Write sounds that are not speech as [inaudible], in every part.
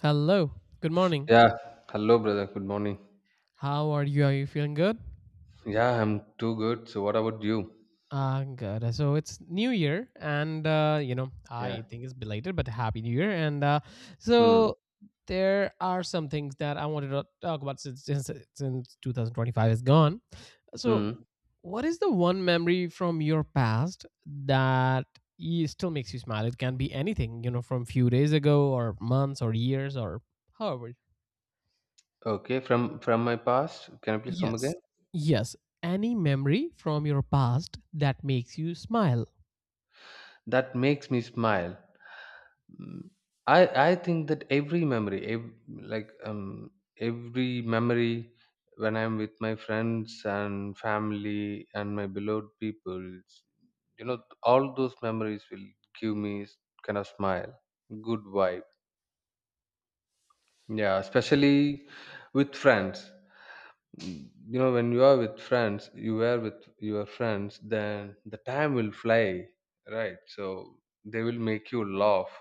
Hello. Good morning. Yeah. Hello, brother. Good morning. How are you? Are you feeling good? Yeah, I'm too good. So, what about you? Ah, good. So it's New Year, and Yeah. I think it's belated, but Happy New Year. And Hmm. so there are some things that I wanted to talk about since 2025 is gone. So, Hmm. what is the one memory from your past that still makes you smile? It can be anything, you know, from few days ago, or months, or years, or however. Okay. From my past, can I please come again? Yes. Yes. Any memory from your past that makes you smile. That makes me smile. Mm, I think that every memory, every memory when I'm with my friends and family and my beloved people, all those memories will give me s- kind of smile, good vibe. Yeah, especially with friends. You know when you are with friends you are with your friends then the time will fly, right? So they will make you laugh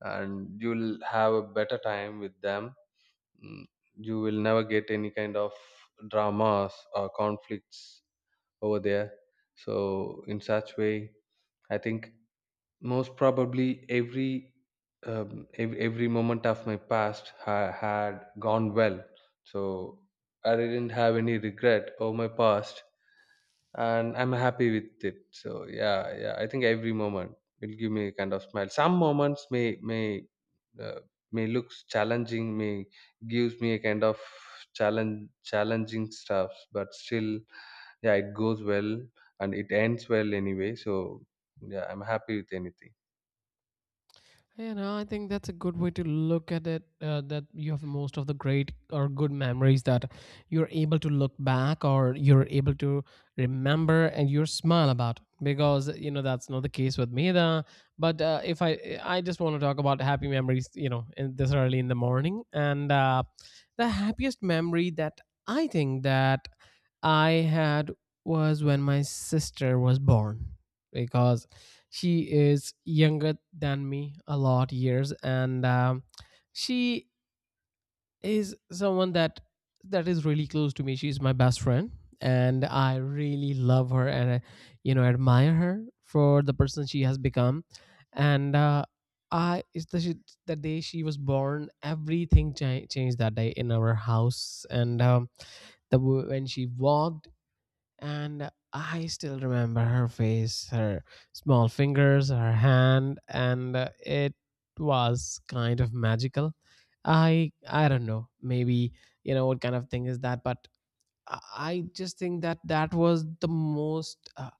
and you'll have a better time with them. Mm, you will never get any kind of dramas or conflicts over there. So in such way I think most probably every moment of my past had gone well, so I didn't have any regret over my past, and I'm happy with it. So, yeah, yeah, I think every moment will give me a kind of smile. Some moments uh, may looks challenging, may gives me a kind of challenge challenging stuff, but still, yeah, it goes well and it ends well anyway. So yeah, I'm happy with anything. Yeah, no, I think that's a good way to look at it. That you have most of the great or good memories that you're able to look back or you're able to remember and you smile about. It. Because you know that's not the case with me, though. But if I just want to talk about happy memories. You know, in this early in the morning, and the happiest memory that I think that I had was when my sister was born. Because she is younger than me a lot years and she is someone that is really close to me, she's my best friend, and I really love her, and I, you know, admire her for the person she has become. And I it's the, she- the day she was born, everything changed that day in our house. And when she walked, and I still remember her face, her small fingers, her hand, and it was kind of magical. I don't know, maybe you know what kind of thing is that, but I just think that that was the most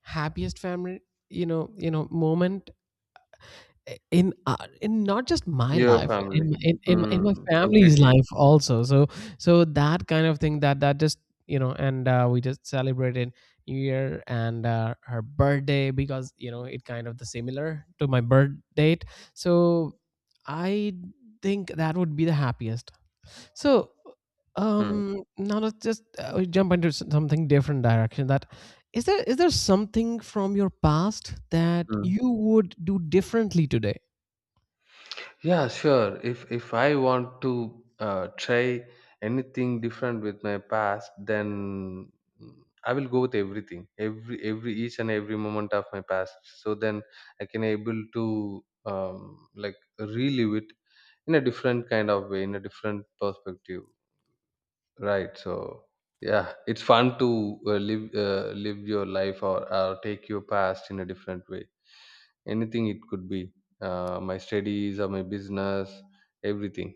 happiest family, moment in not just my Your life, family. In my Mm, family's completely. life also. So so that kind of thing that just, you know, and we just celebrated new year and her birthday, because you know it kind of the similar to my birth date. So I think that would be the happiest. So Mm. Now let's just we jump into something different direction. That is there, is there something from your past that Mm. you would do differently today? Yeah, sure. If I want to try anything different with my past, then, mm, I will go with everything, every each and every moment of my past. So then I can able to like relive it in a different kind of way, in a different perspective. Right. So yeah, it's fun to live live your life, or take your past in a different way. Anything, it could be my studies or my business, everything.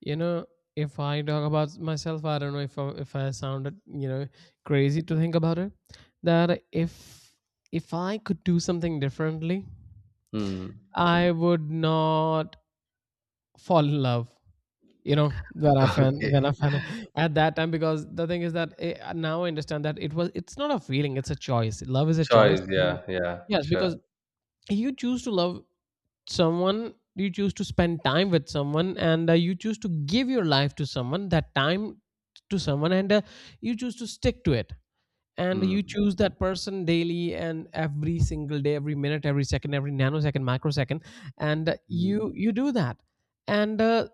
You know, if I talk about myself, I don't know if if I sounded, you know, crazy to think about it. That if I could do something differently, Hmm. I would not fall in love. You know, [laughs] Okay. when I fan [laughs] at that time, because the thing is that, now I understand that it was, it's not a feeling, it's a choice. Love is a choice. Choice, yeah, yeah, Yes, sure. because you choose to love someone, you choose to spend time with someone, and you choose to give your life to someone that time, to someone, and you choose to stick to it, and Hmm. you choose that person daily, and every single day, every minute, every second, every nanosecond, microsecond, and uh, Hmm. you you do that, and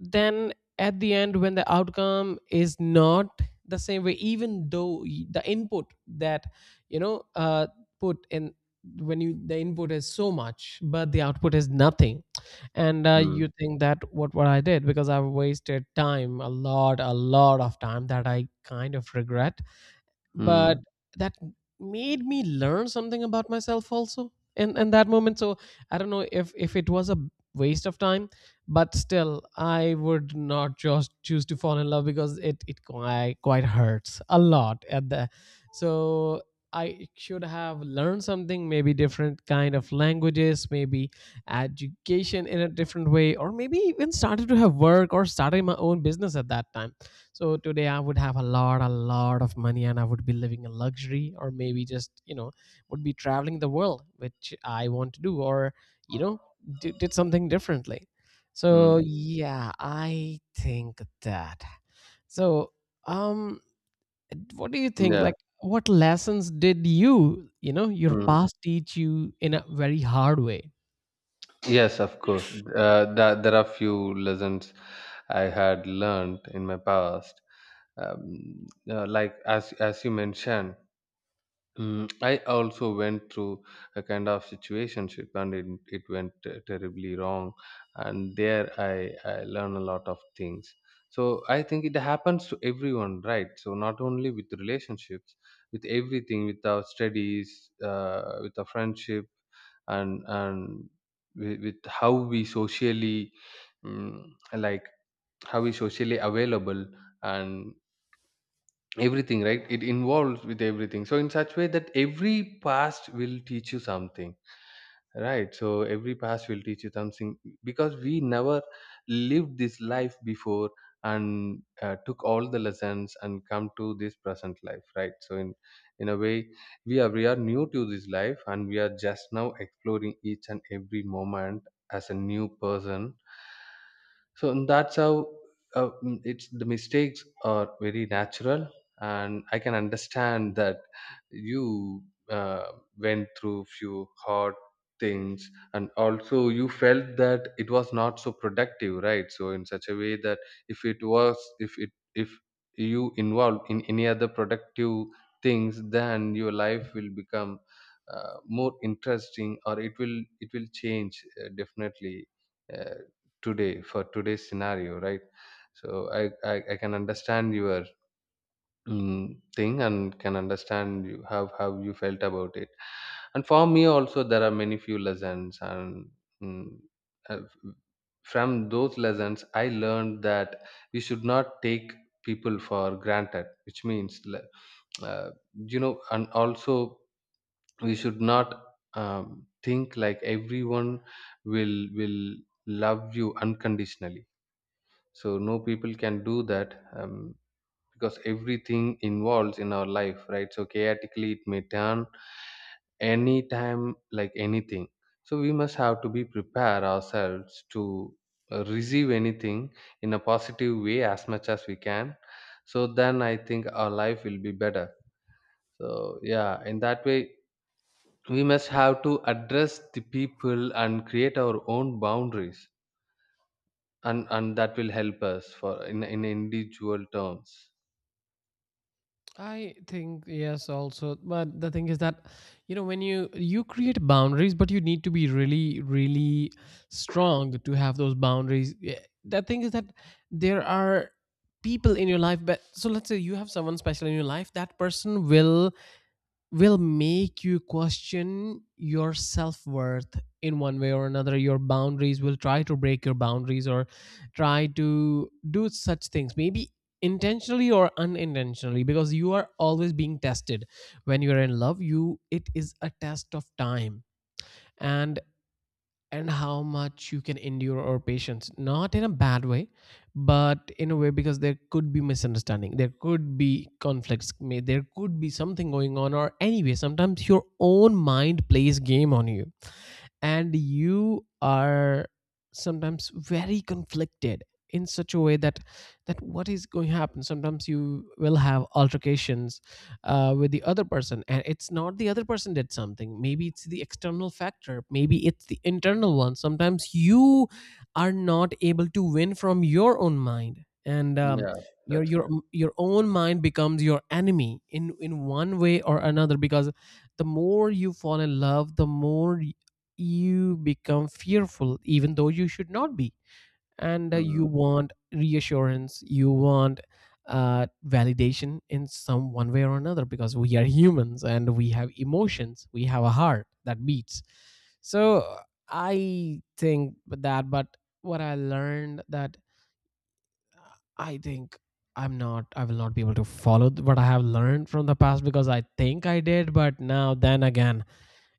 then at the end, when the outcome is not the same way, even though the input that you know, put in, when you, the input is so much but the output is nothing, and Hmm. you think that, what I did, because I've wasted time, a lot, a lot of time that I kind of regret. But Mm. that made me learn something about myself also in that moment. So I don't know if it was a waste of time, but still I would not just choose to fall in love, because it, quite, quite hurts a lot at the. So I should have learned something, maybe different kind of languages, maybe education in a different way, or maybe even started to have work or started my own business at that time. So today I would have a lot of money, and I would be living in luxury, or maybe just, you know, would be traveling the world, which I want to do, or, you know, did something differently. So Mm. yeah, I think that. So, um, what do you think? Yeah. Like, what lessons did you, your Mm. past teach you in a very hard way? Yes, of course. That, there are few lessons I had learned in my past. Like, as you mentioned, mm, I also went through a kind of situationship, and it went terribly wrong. And there I learned a lot of things. So I think it happens to everyone, right? So not only with relationships, with everything, with our studies, with our friendship, and with how we socially, mm, like how we socially available, and everything, right? It involves with everything. So in such way that every past will teach you something, right? So every past will teach you something, because we never lived this life before and took all the lessons and come to this present life, right? So in a way, we are new to this life, and we are just now exploring each and every moment as a new person. So, and that's how, it's the mistakes are very natural, and I can understand that you uh, went through few hard things, and also you felt that it was not so productive, right? So in such a way that if it was, if it if you involved in any other productive things, then your life will become more interesting, or it will change definitely, uh, today, for today's scenario, right? So I can understand your, thing, and can understand you, how you felt about it. And for me also there are many few lessons, and mm, uh, from those lessons I learned that we should not take people for granted, which means uh, you know. And also we should not think like everyone will love you unconditionally. So no people can do that, because everything involves in our life, right? So chaotically it may turn anytime like anything. So we must have to be prepare ourselves to receive anything in a positive way as much as we can. So then I think our life will be better. So yeah, in that way, we must have to address the people and create our own boundaries, and that will help us for in individual terms. I think yes also, but the thing is that, you know, when you create boundaries, but you need to be really, really strong to have those boundaries. Yeah, the thing is that there are people in your life, but, so let's say you have someone special in your life, that person will make you question your self-worth in one way or another, your boundaries, will try to break your boundaries, or try to do such things, maybe intentionally or unintentionally, because you are always being tested. When you are in love, you, it is a test of time. and and how much you can endure or patience, not in a bad way, but in a way, because there could be misunderstanding, there could be conflicts, there could be something going on, or anyway, sometimes your own mind plays game on you, and you are sometimes very conflicted in such a way that, that what is going to happen. Sometimes you will have altercations with the other person, and it's not the other person did something, maybe it's the external factor, maybe it's the internal one. Sometimes you are not able to win from your own mind, and um, Yeah, your that's your correct. your own mind becomes your enemy in one way or another, because the more you fall in love, the more you become fearful, even though you should not be. And you Hmm. want reassurance, you want validation in some one way or another, because we are humans and we have emotions, we have a heart that beats. So I think that, but what I learned that, uh, I think, I'm not, I will not be able to follow what I have learned from the past, because I think I did, but now then again,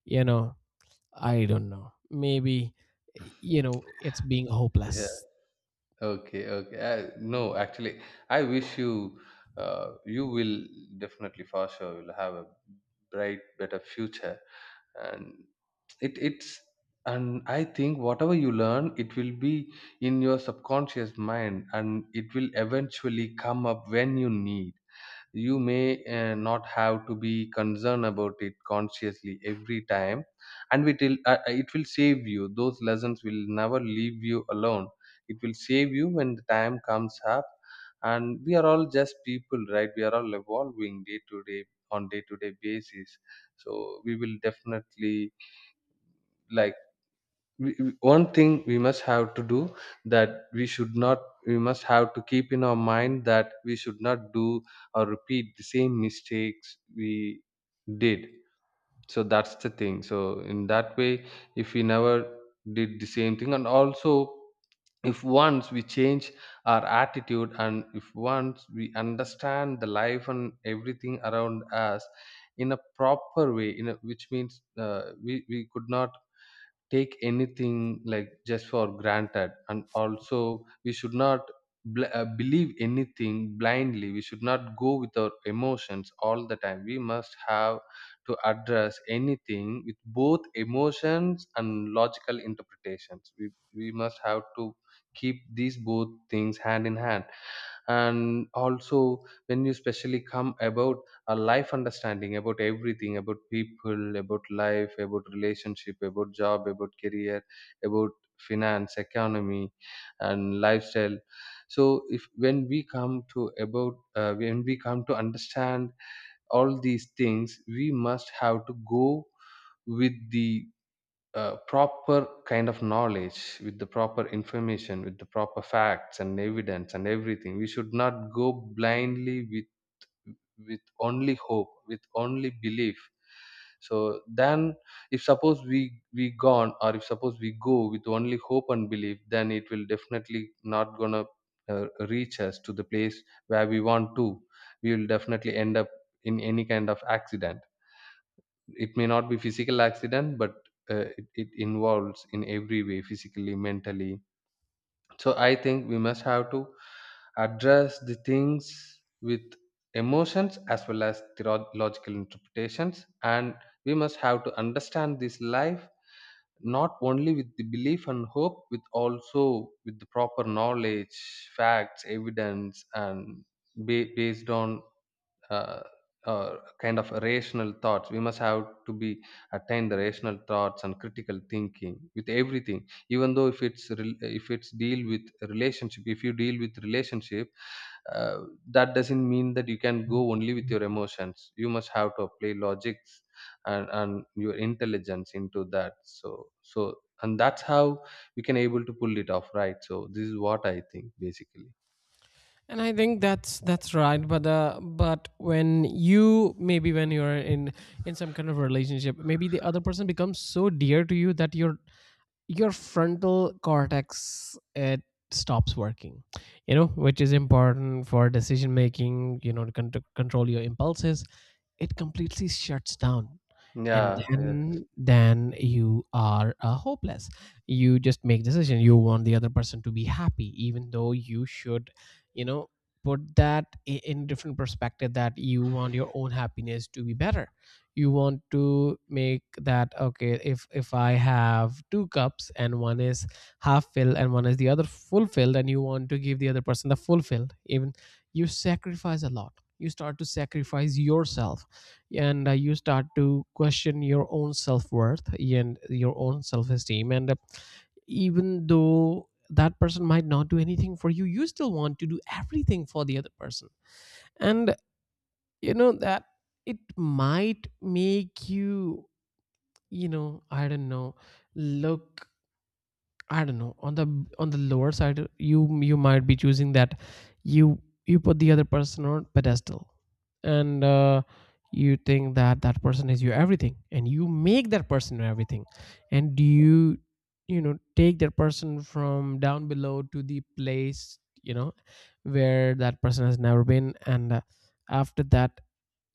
you know, I don't know. Maybe, you know, it's being Yeah. hopeless. Okay, okay. No, actually, I wish you, uh, you will definitely for sure will have a bright better future. And it it's, and I think whatever you learn, it will be in your subconscious mind and it will eventually come up when you need. You may not have to be concerned about it consciously every time, and it will save you. Those lessons will never leave you alone. It will save you when the time comes up. And we are all just people, right? We are all evolving day to day, on day to day basis. So we will definitely, like, one thing we must have to do, that we should not, we must have to keep in our mind that we should not do or repeat the same mistakes we did. So that's the thing. So in that way, if we never did the same thing, and also if once we change our attitude, and if once we understand the life and everything around us in a proper way, in a, which means we could not take anything like just for granted, and also we should not believe anything blindly. We should not go with our emotions all the time. We must have to address anything with both emotions and logical interpretations. We must have to keep these both things hand in hand. And also when you especially come about a life understanding, about everything, about people, about life, about relationship, about job, about career, about finance, economy, and lifestyle. So if when we come to about when we come to understand all these things, we must have to go with the proper kind of knowledge, with the proper information, with the proper facts and evidence, and everything. We should not go blindly with only hope, with only belief. So then if suppose we gone, or if suppose we go with only hope and belief, then it will definitely not gonna uh, reach us to the place where we want to. We will definitely end up in any kind of accident. It may not be physical accident, but it involves in every way, physically, mentally. So I think we must have to address the things with emotions as well as logical interpretations, and we must have to understand this life not only with the belief and hope, with also with the proper knowledge, facts, evidence, and based on, uh, uh, kind of rational thoughts. We must have to be attain the rational thoughts and critical thinking with everything. Even though if if it's deal with relationship, if you deal with relationship, uh, that doesn't mean that you can go only with your emotions. You must have to apply logics and your intelligence into that. So so, and that's how we can able to pull it off, right? So this is what I think basically. And I think that's right. But when you, maybe when you're in some kind of relationship, maybe the other person becomes so dear to you that you're, your frontal cortex, it stops working, you know, which is important for decision making, you know, to to control your impulses, it completely shuts down. And Yeah. Yeah. Then you are hopeless, you just make decision, you want the other person to be happy, even though you should, you know, put that in different perspective, that you want your own happiness to be better. You want to make that, okay, if I have two cups and one is half filled and one is the other full filled, and you want to give the other person the full filled, even you sacrifice a lot, you start to sacrifice yourself, and you start to question your own self-worth and your own self-esteem. And even though that person might not do anything for you, you still want to do everything for the other person. And you know that it might make you, you know, I don't know, look, I don't know. On the lower side, you might be choosing that, you you put the other person on pedestal, and you think that that person is your everything, and you make that person your everything, and you know, take that person from down below to the place, you know, where that person has never been, and after that,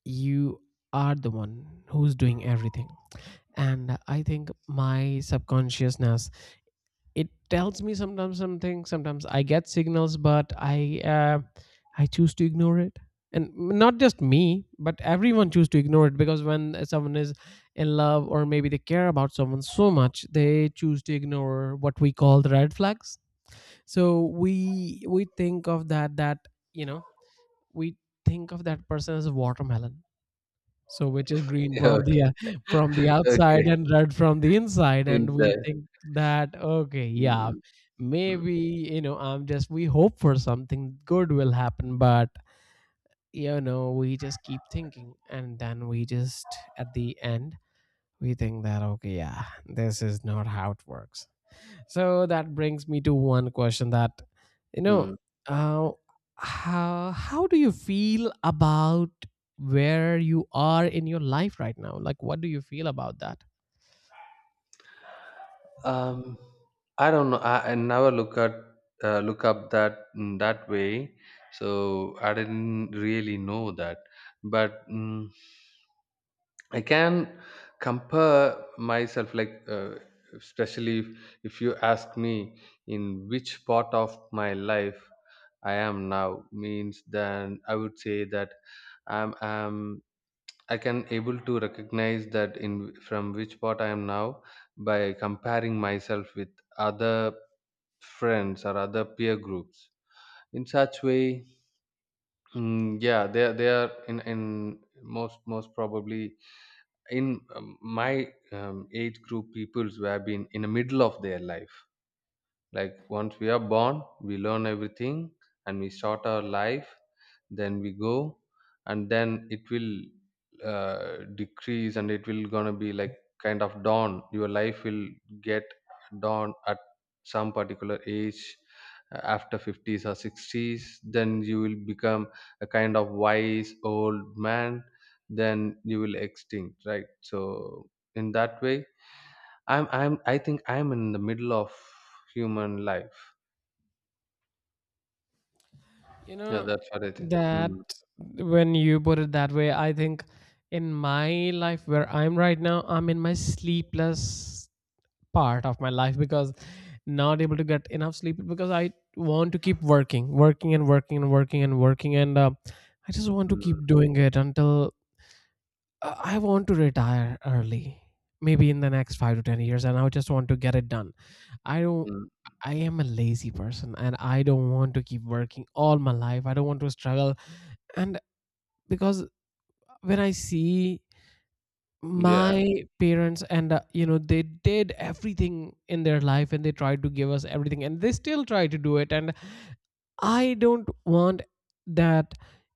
you are the one who's doing everything. And I think my subconsciousness, it tells me sometimes something, sometimes I get signals, but i, I choose to ignore it. And not just me, but everyone choose to ignore it, because when someone is in love, or maybe they care about someone so much, they choose to ignore what we call the red flags. So we think of that, that, you know, we think of that person as a watermelon, so which is [laughs] green from Okay. the [laughs] from the [laughs] outside Okay. and red from the inside, and we Inside. think that, okay, yeah, Mm. Mm. maybe, you know, I'm just, we hope for something good will happen, but, you know, we just keep thinking, and then we just at the end we think that, okay yeah, this is not how it works. So that brings me to one question that, you know, Mm. uh, how do you feel about where you are in your life right now? Like, what do you feel about that? Um, I don't know. I never look at look up that in that way, so I didn't really know that. But, I can compare myself, like, especially if you ask me in which part of my life I am now, means then I would say that I'm I can able to recognize that in from which part I am now by comparing myself with other friends or other peer groups. In such way, yeah, they are in most probably in my age group peoples who have been in the middle of their life. Like, once we are born, we learn everything and we start our life, then we go, and then it will decrease, and it will gonna be like kind of dawn. Your life will get dawn at some particular age, after 50s or 60s, then you will become a kind of wise old man, then you will extinct, right? So in that way, I'm I think I'm in the middle of human life. You Yeah, know, that's what I think. Mm. that when you put it that way, I think in my life where I'm right now, I'm in my sleepless part of my life because not able to get enough sleep because I want to keep working, working and working and working and working, and I just want to Mm. keep doing it until I want to retire early, maybe in the next 5 to 10 years, and I just want to get it done. I don't. Mm. I am a lazy person, and I don't want to keep working all my life. I don't want to struggle, and because when I see Yeah, my parents and you know they did everything in their life and they tried to give us everything and they still try to do it and I don't want that,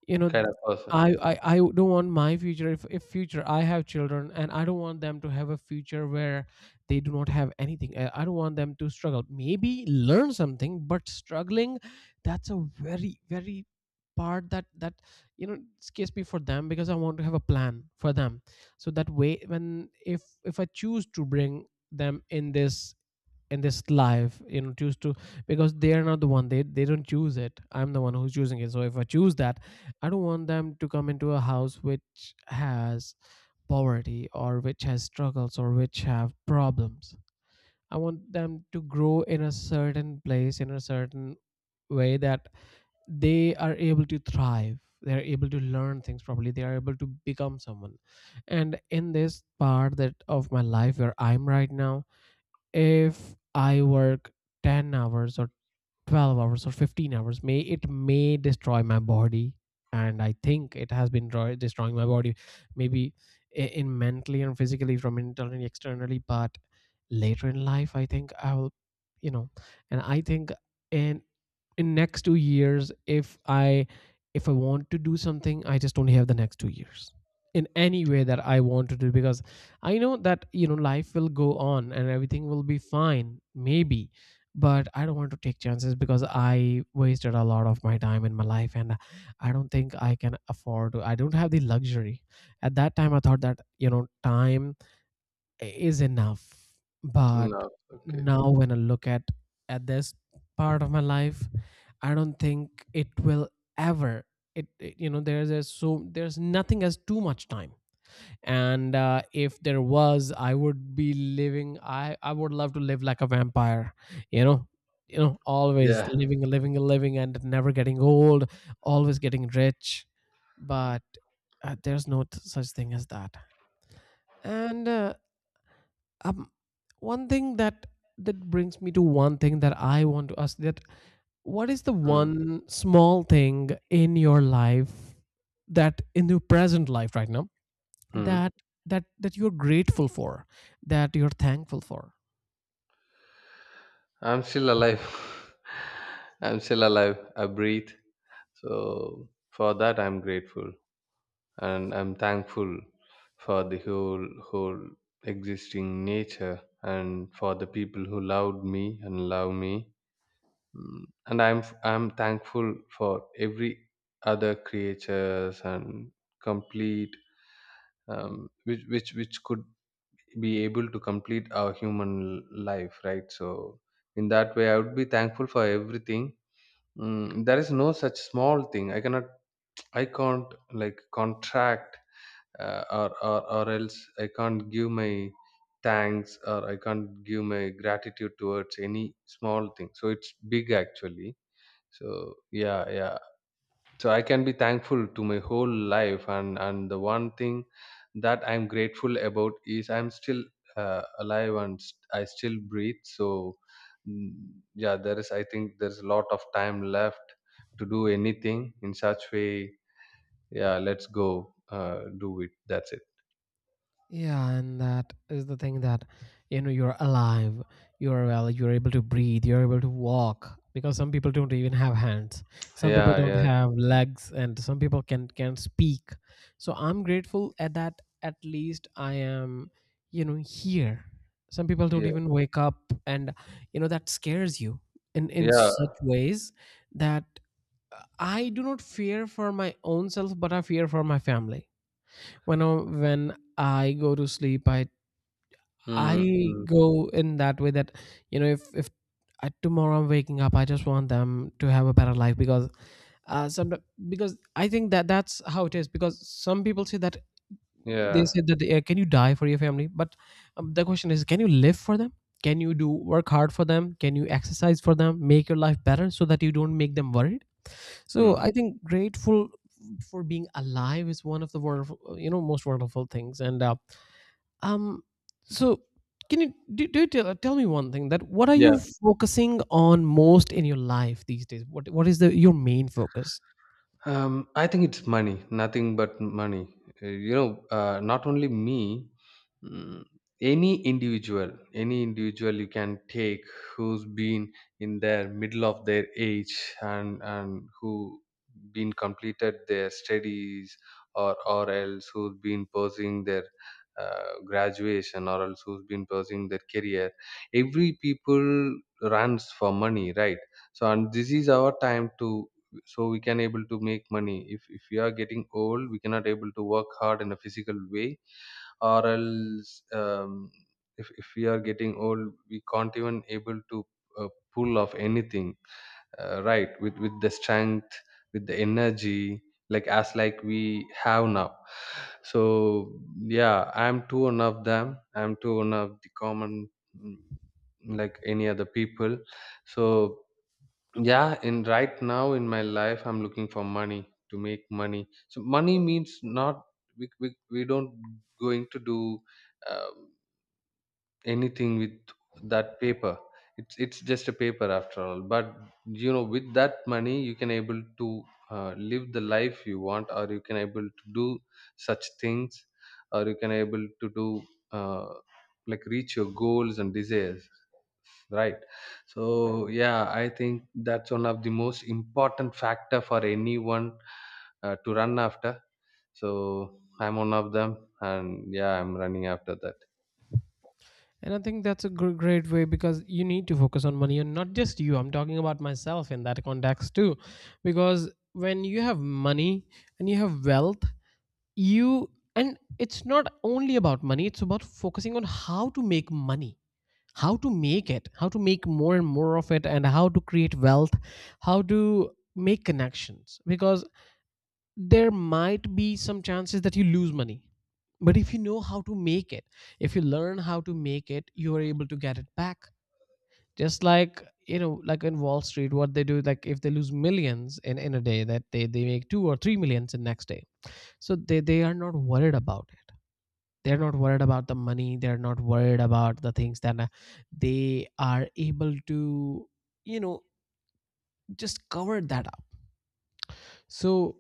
you know, kind of person. I don't want my future if future I have children and I don't want them to have a future where they do not have anything. I don't want them to struggle. Maybe learn something, but struggling, that's a very, very part that you know scares me for them because I want to have a plan for them. So that way when if I choose to bring them in this life you know choose to because they are not the one they don't choose it. I'm the one who's choosing it, so if I choose that, I don't want them to come into a house which has poverty or which has struggles or which have problems. I want them to grow in a certain place in a certain way that they are able to thrive, they are able to learn things properly, they are able to become someone. And in this part that of my life where I'm right now, if I work 10 hours or 12 hours or 15 hours, may it may destroy my body. And I think it has been destroying my body, maybe in mentally and physically from internally, externally. But later in life, I think I will, you know, and I think in in next 2 years, if I want to do something, I just don't have the next 2 years in any way that I want to do because I know that you know life will go on and everything will be fine, maybe, but I don't want to take chances because I wasted a lot of my time in my life, and I don't think I can afford. I don't have the luxury. At that time, I thought that you know time is enough, but No, okay. now when I look at this part of my life, I don't think it will ever. It, you know there's a there's nothing as too much time and if there was, I would be living, I would love to live like a vampire. You know you know always Yeah. living, living, living, and never getting old, always getting rich. But there's no such thing as that, and um, one thing that brings me to one thing that I want to ask, that what is the Mm. one small thing in your life that in your present life right now Mm. that that you're grateful for, that you're thankful for? I'm still alive. [laughs] I'm still alive. I breathe. So for that, I'm grateful, and I'm thankful for the whole existing nature, and for the people who loved me and love me. And I'm thankful for every other creatures and complete, which which could be able to complete our human life, right? So in that way I would be thankful for everything. There is no such small thing. I cannot, I can't like contract, or else I can't give my thanks or I can't give my gratitude towards any small thing, so it's big actually. So yeah, yeah. So I can be thankful to my whole life, and the one thing that I'm grateful about is I'm still alive and I still breathe. So mm, yeah, there is. I think there's a lot of time left to do anything in such way. Yeah, let's go do it. That's it. Yeah, and that is the thing that you know you're alive, you're well, you're able to breathe, you're able to walk, because some people don't even have hands, some people Yeah, don't yeah, have legs, and some people can speak. So I'm grateful at that, at least I am, you know, here. Some people don't yeah, even wake up and you know that scares you in yeah. such ways that I do not fear for my own self, but I fear for my family. When I go to sleep, Mm, I mm, go in that way that you know if I, tomorrow I'm waking up, I just want them to have a better life. Because some because I think that that's how it is, because some people say that, they yeah. say that can you die for your family, but the question is, can you live for them? Can you do work hard for them? Can you exercise for them? Make your life better so that you don't make them worried? So Mm. I think grateful for being alive is one of the wonderful you know most wonderful things, and um so can you do you tell, tell me one thing, that what are Yeah. you focusing on most in your life these days? What is the your main focus? I think it's money, nothing but money. You know, not only me, mm, any individual you can take who's been in their middle of their age and who been completed their studies or else who's been pursuing their graduation or else who's been pursuing their career. Every people runs for money, right? So and this is our time to, so we can able to make money if we are getting old we cannot able to work hard in a physical way or else if we are getting old we can't even able to uh, pull off anything, right, with the strength, with the energy, like as like we have now. So yeah, I'm too one of them, I'm too one of the common, mm, like any other people. So yeah, and right now in my life I'm looking for money to make money. So money means not we don't going to do, um, anything with that paper. It's just a paper after all, but you know with that money you can able to, live the life you want, or you can able to do such things, or you can able to do, uh, like reach your goals and desires, right? So yeah, I think that's one of the most important factor for anyone, to run after. So I'm one of them, and yeah, I'm running after that. And I think that's a great way, because you need to focus on money, and not just you. I'm talking about myself in that context too. Because when you have money and you have wealth, you, and it's not only about money, it's about focusing on how to make money, how to make it, how to make more and more of it, and how to create wealth, how to make connections. Because there might be some chances that you lose money, but if you know how to make it, if you learn how to make it, you are able to get it back. Just like you know like in Wall Street what they do, like if they lose millions in a day, that they make two or three millions in next day. So they are not worried about it, they're not worried about the money, they're not worried about the things that they are able to you know just cover that up. So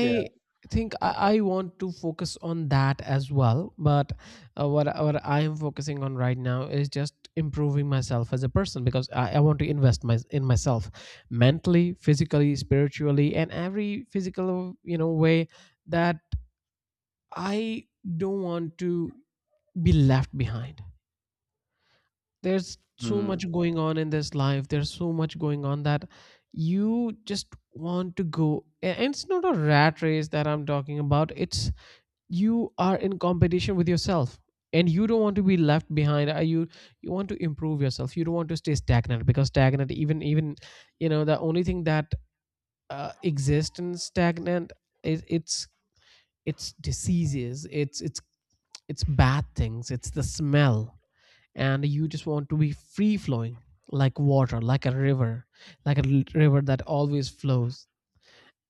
Yeah. think I want to focus on that as well. But what I am focusing on right now is just improving myself as a person, because I want to invest my, in myself mentally, physically, spiritually, and every physical you know way that I don't want to be left behind. There's so Mm, much going on in this life. There's so much going on that you just want to go and it's not a rat race that I'm talking about. It's you are in competition with yourself, and you don't want to be left behind. You you want to improve yourself, you don't want to stay stagnant, because stagnant, even you know the only thing that exists in stagnant is it's diseases, it's bad things, it's the smell. And you just want to be free flowing, like water, like a river, like a river that always flows.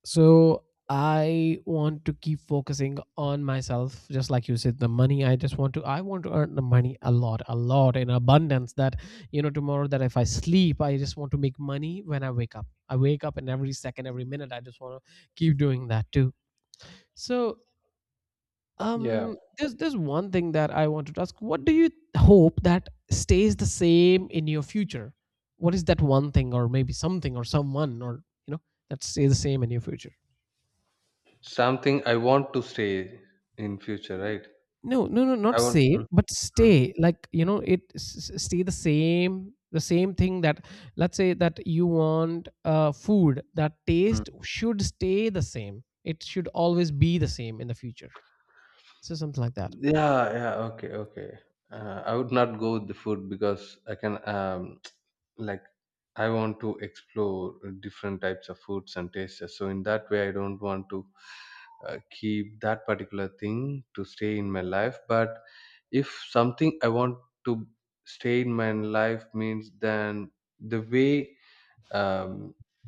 So I want to keep focusing on myself, just like you said, the money. I just want to, I want to earn the money a lot in abundance. That, you know, tomorrow that if I sleep, I just want to make money when I wake up. I wake up and every second, every minute, I just want to keep doing that too. So, yeah. there's one thing that I wanted to ask. What do you hope that stays the same in your future? What is that one thing, or maybe something, or someone, or you know, that stays the same in your future? Something I want to say in future, right? No, no, no, I not want, save, mm, but mm, stay. Like you know, it stay the same thing that, let's say that you want food. That mm. taste should stay the same. It should always be the same in the future. So something like that. Yeah, yeah, okay, okay. I would not go with the food because I can, um, like, I want to explore different types of foods and tastes. So in that way I don't want to keep that particular thing to stay in my life. But if something I want to stay in my life means, then the way, um,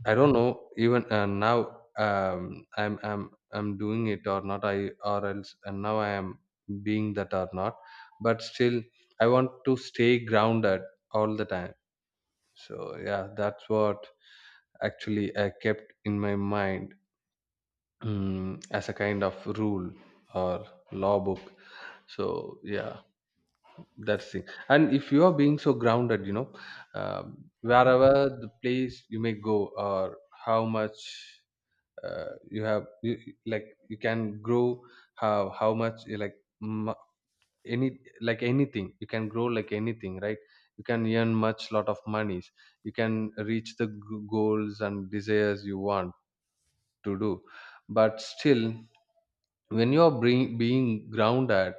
I don't know even, now, I'm doing it or not, I or else, and now I am being that or not, but still I want to stay grounded all the time. So yeah, that's what actually I kept in my mind, as a kind of rule or law book. So yeah, that's it. And if you are being so grounded, you know, wherever the place you may go, or how much, you have, like you can grow, how much you like, any, like anything you can grow, like anything, right? You can earn much lot of monies, you can reach the goals and desires you want to do. But still, when you are being grounded,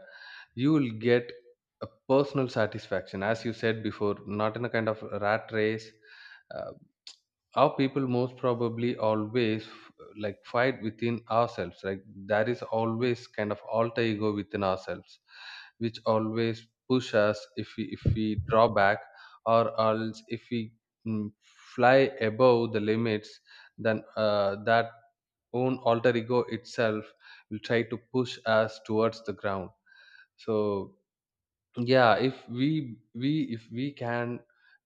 you will get a personal satisfaction, as you said before, not in a kind of rat race. Uh, our people most probably always like fight within ourselves, like there is always kind of alter ego within ourselves which always push us if we draw back, or else if we, mm, fly above the limits, then, that own alter ego itself will try to push us towards the ground. So yeah, if we can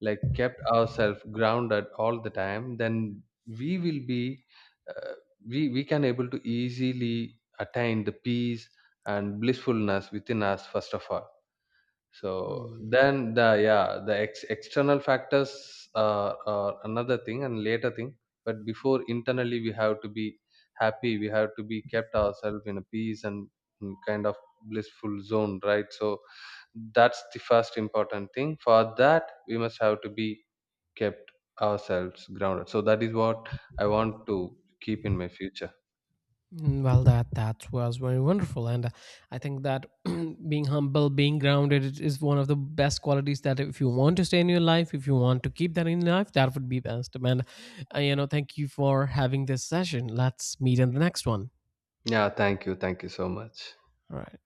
like kept ourselves grounded all the time, then we will be, uh, we can able to easily attain the peace and blissfulness within us first of all. So Hmm. then the, yeah, the external factors are another thing and later thing. But before, internally we have to be happy, we have to be kept ourselves in a peace and, mm, kind of blissful zone, right? So that's the first important thing. For that we must have to be kept ourselves grounded. So that is what I want to keep in my future. Mm, well, that was very wonderful, and I think that [clears throat] being humble, being grounded, it is one of the best qualities that if you want to stay in your life, if you want to keep that in your life, that would be best. And you know, thank you for having this session. Let's meet in the next one. Yeah, thank you, thank you so much. All right.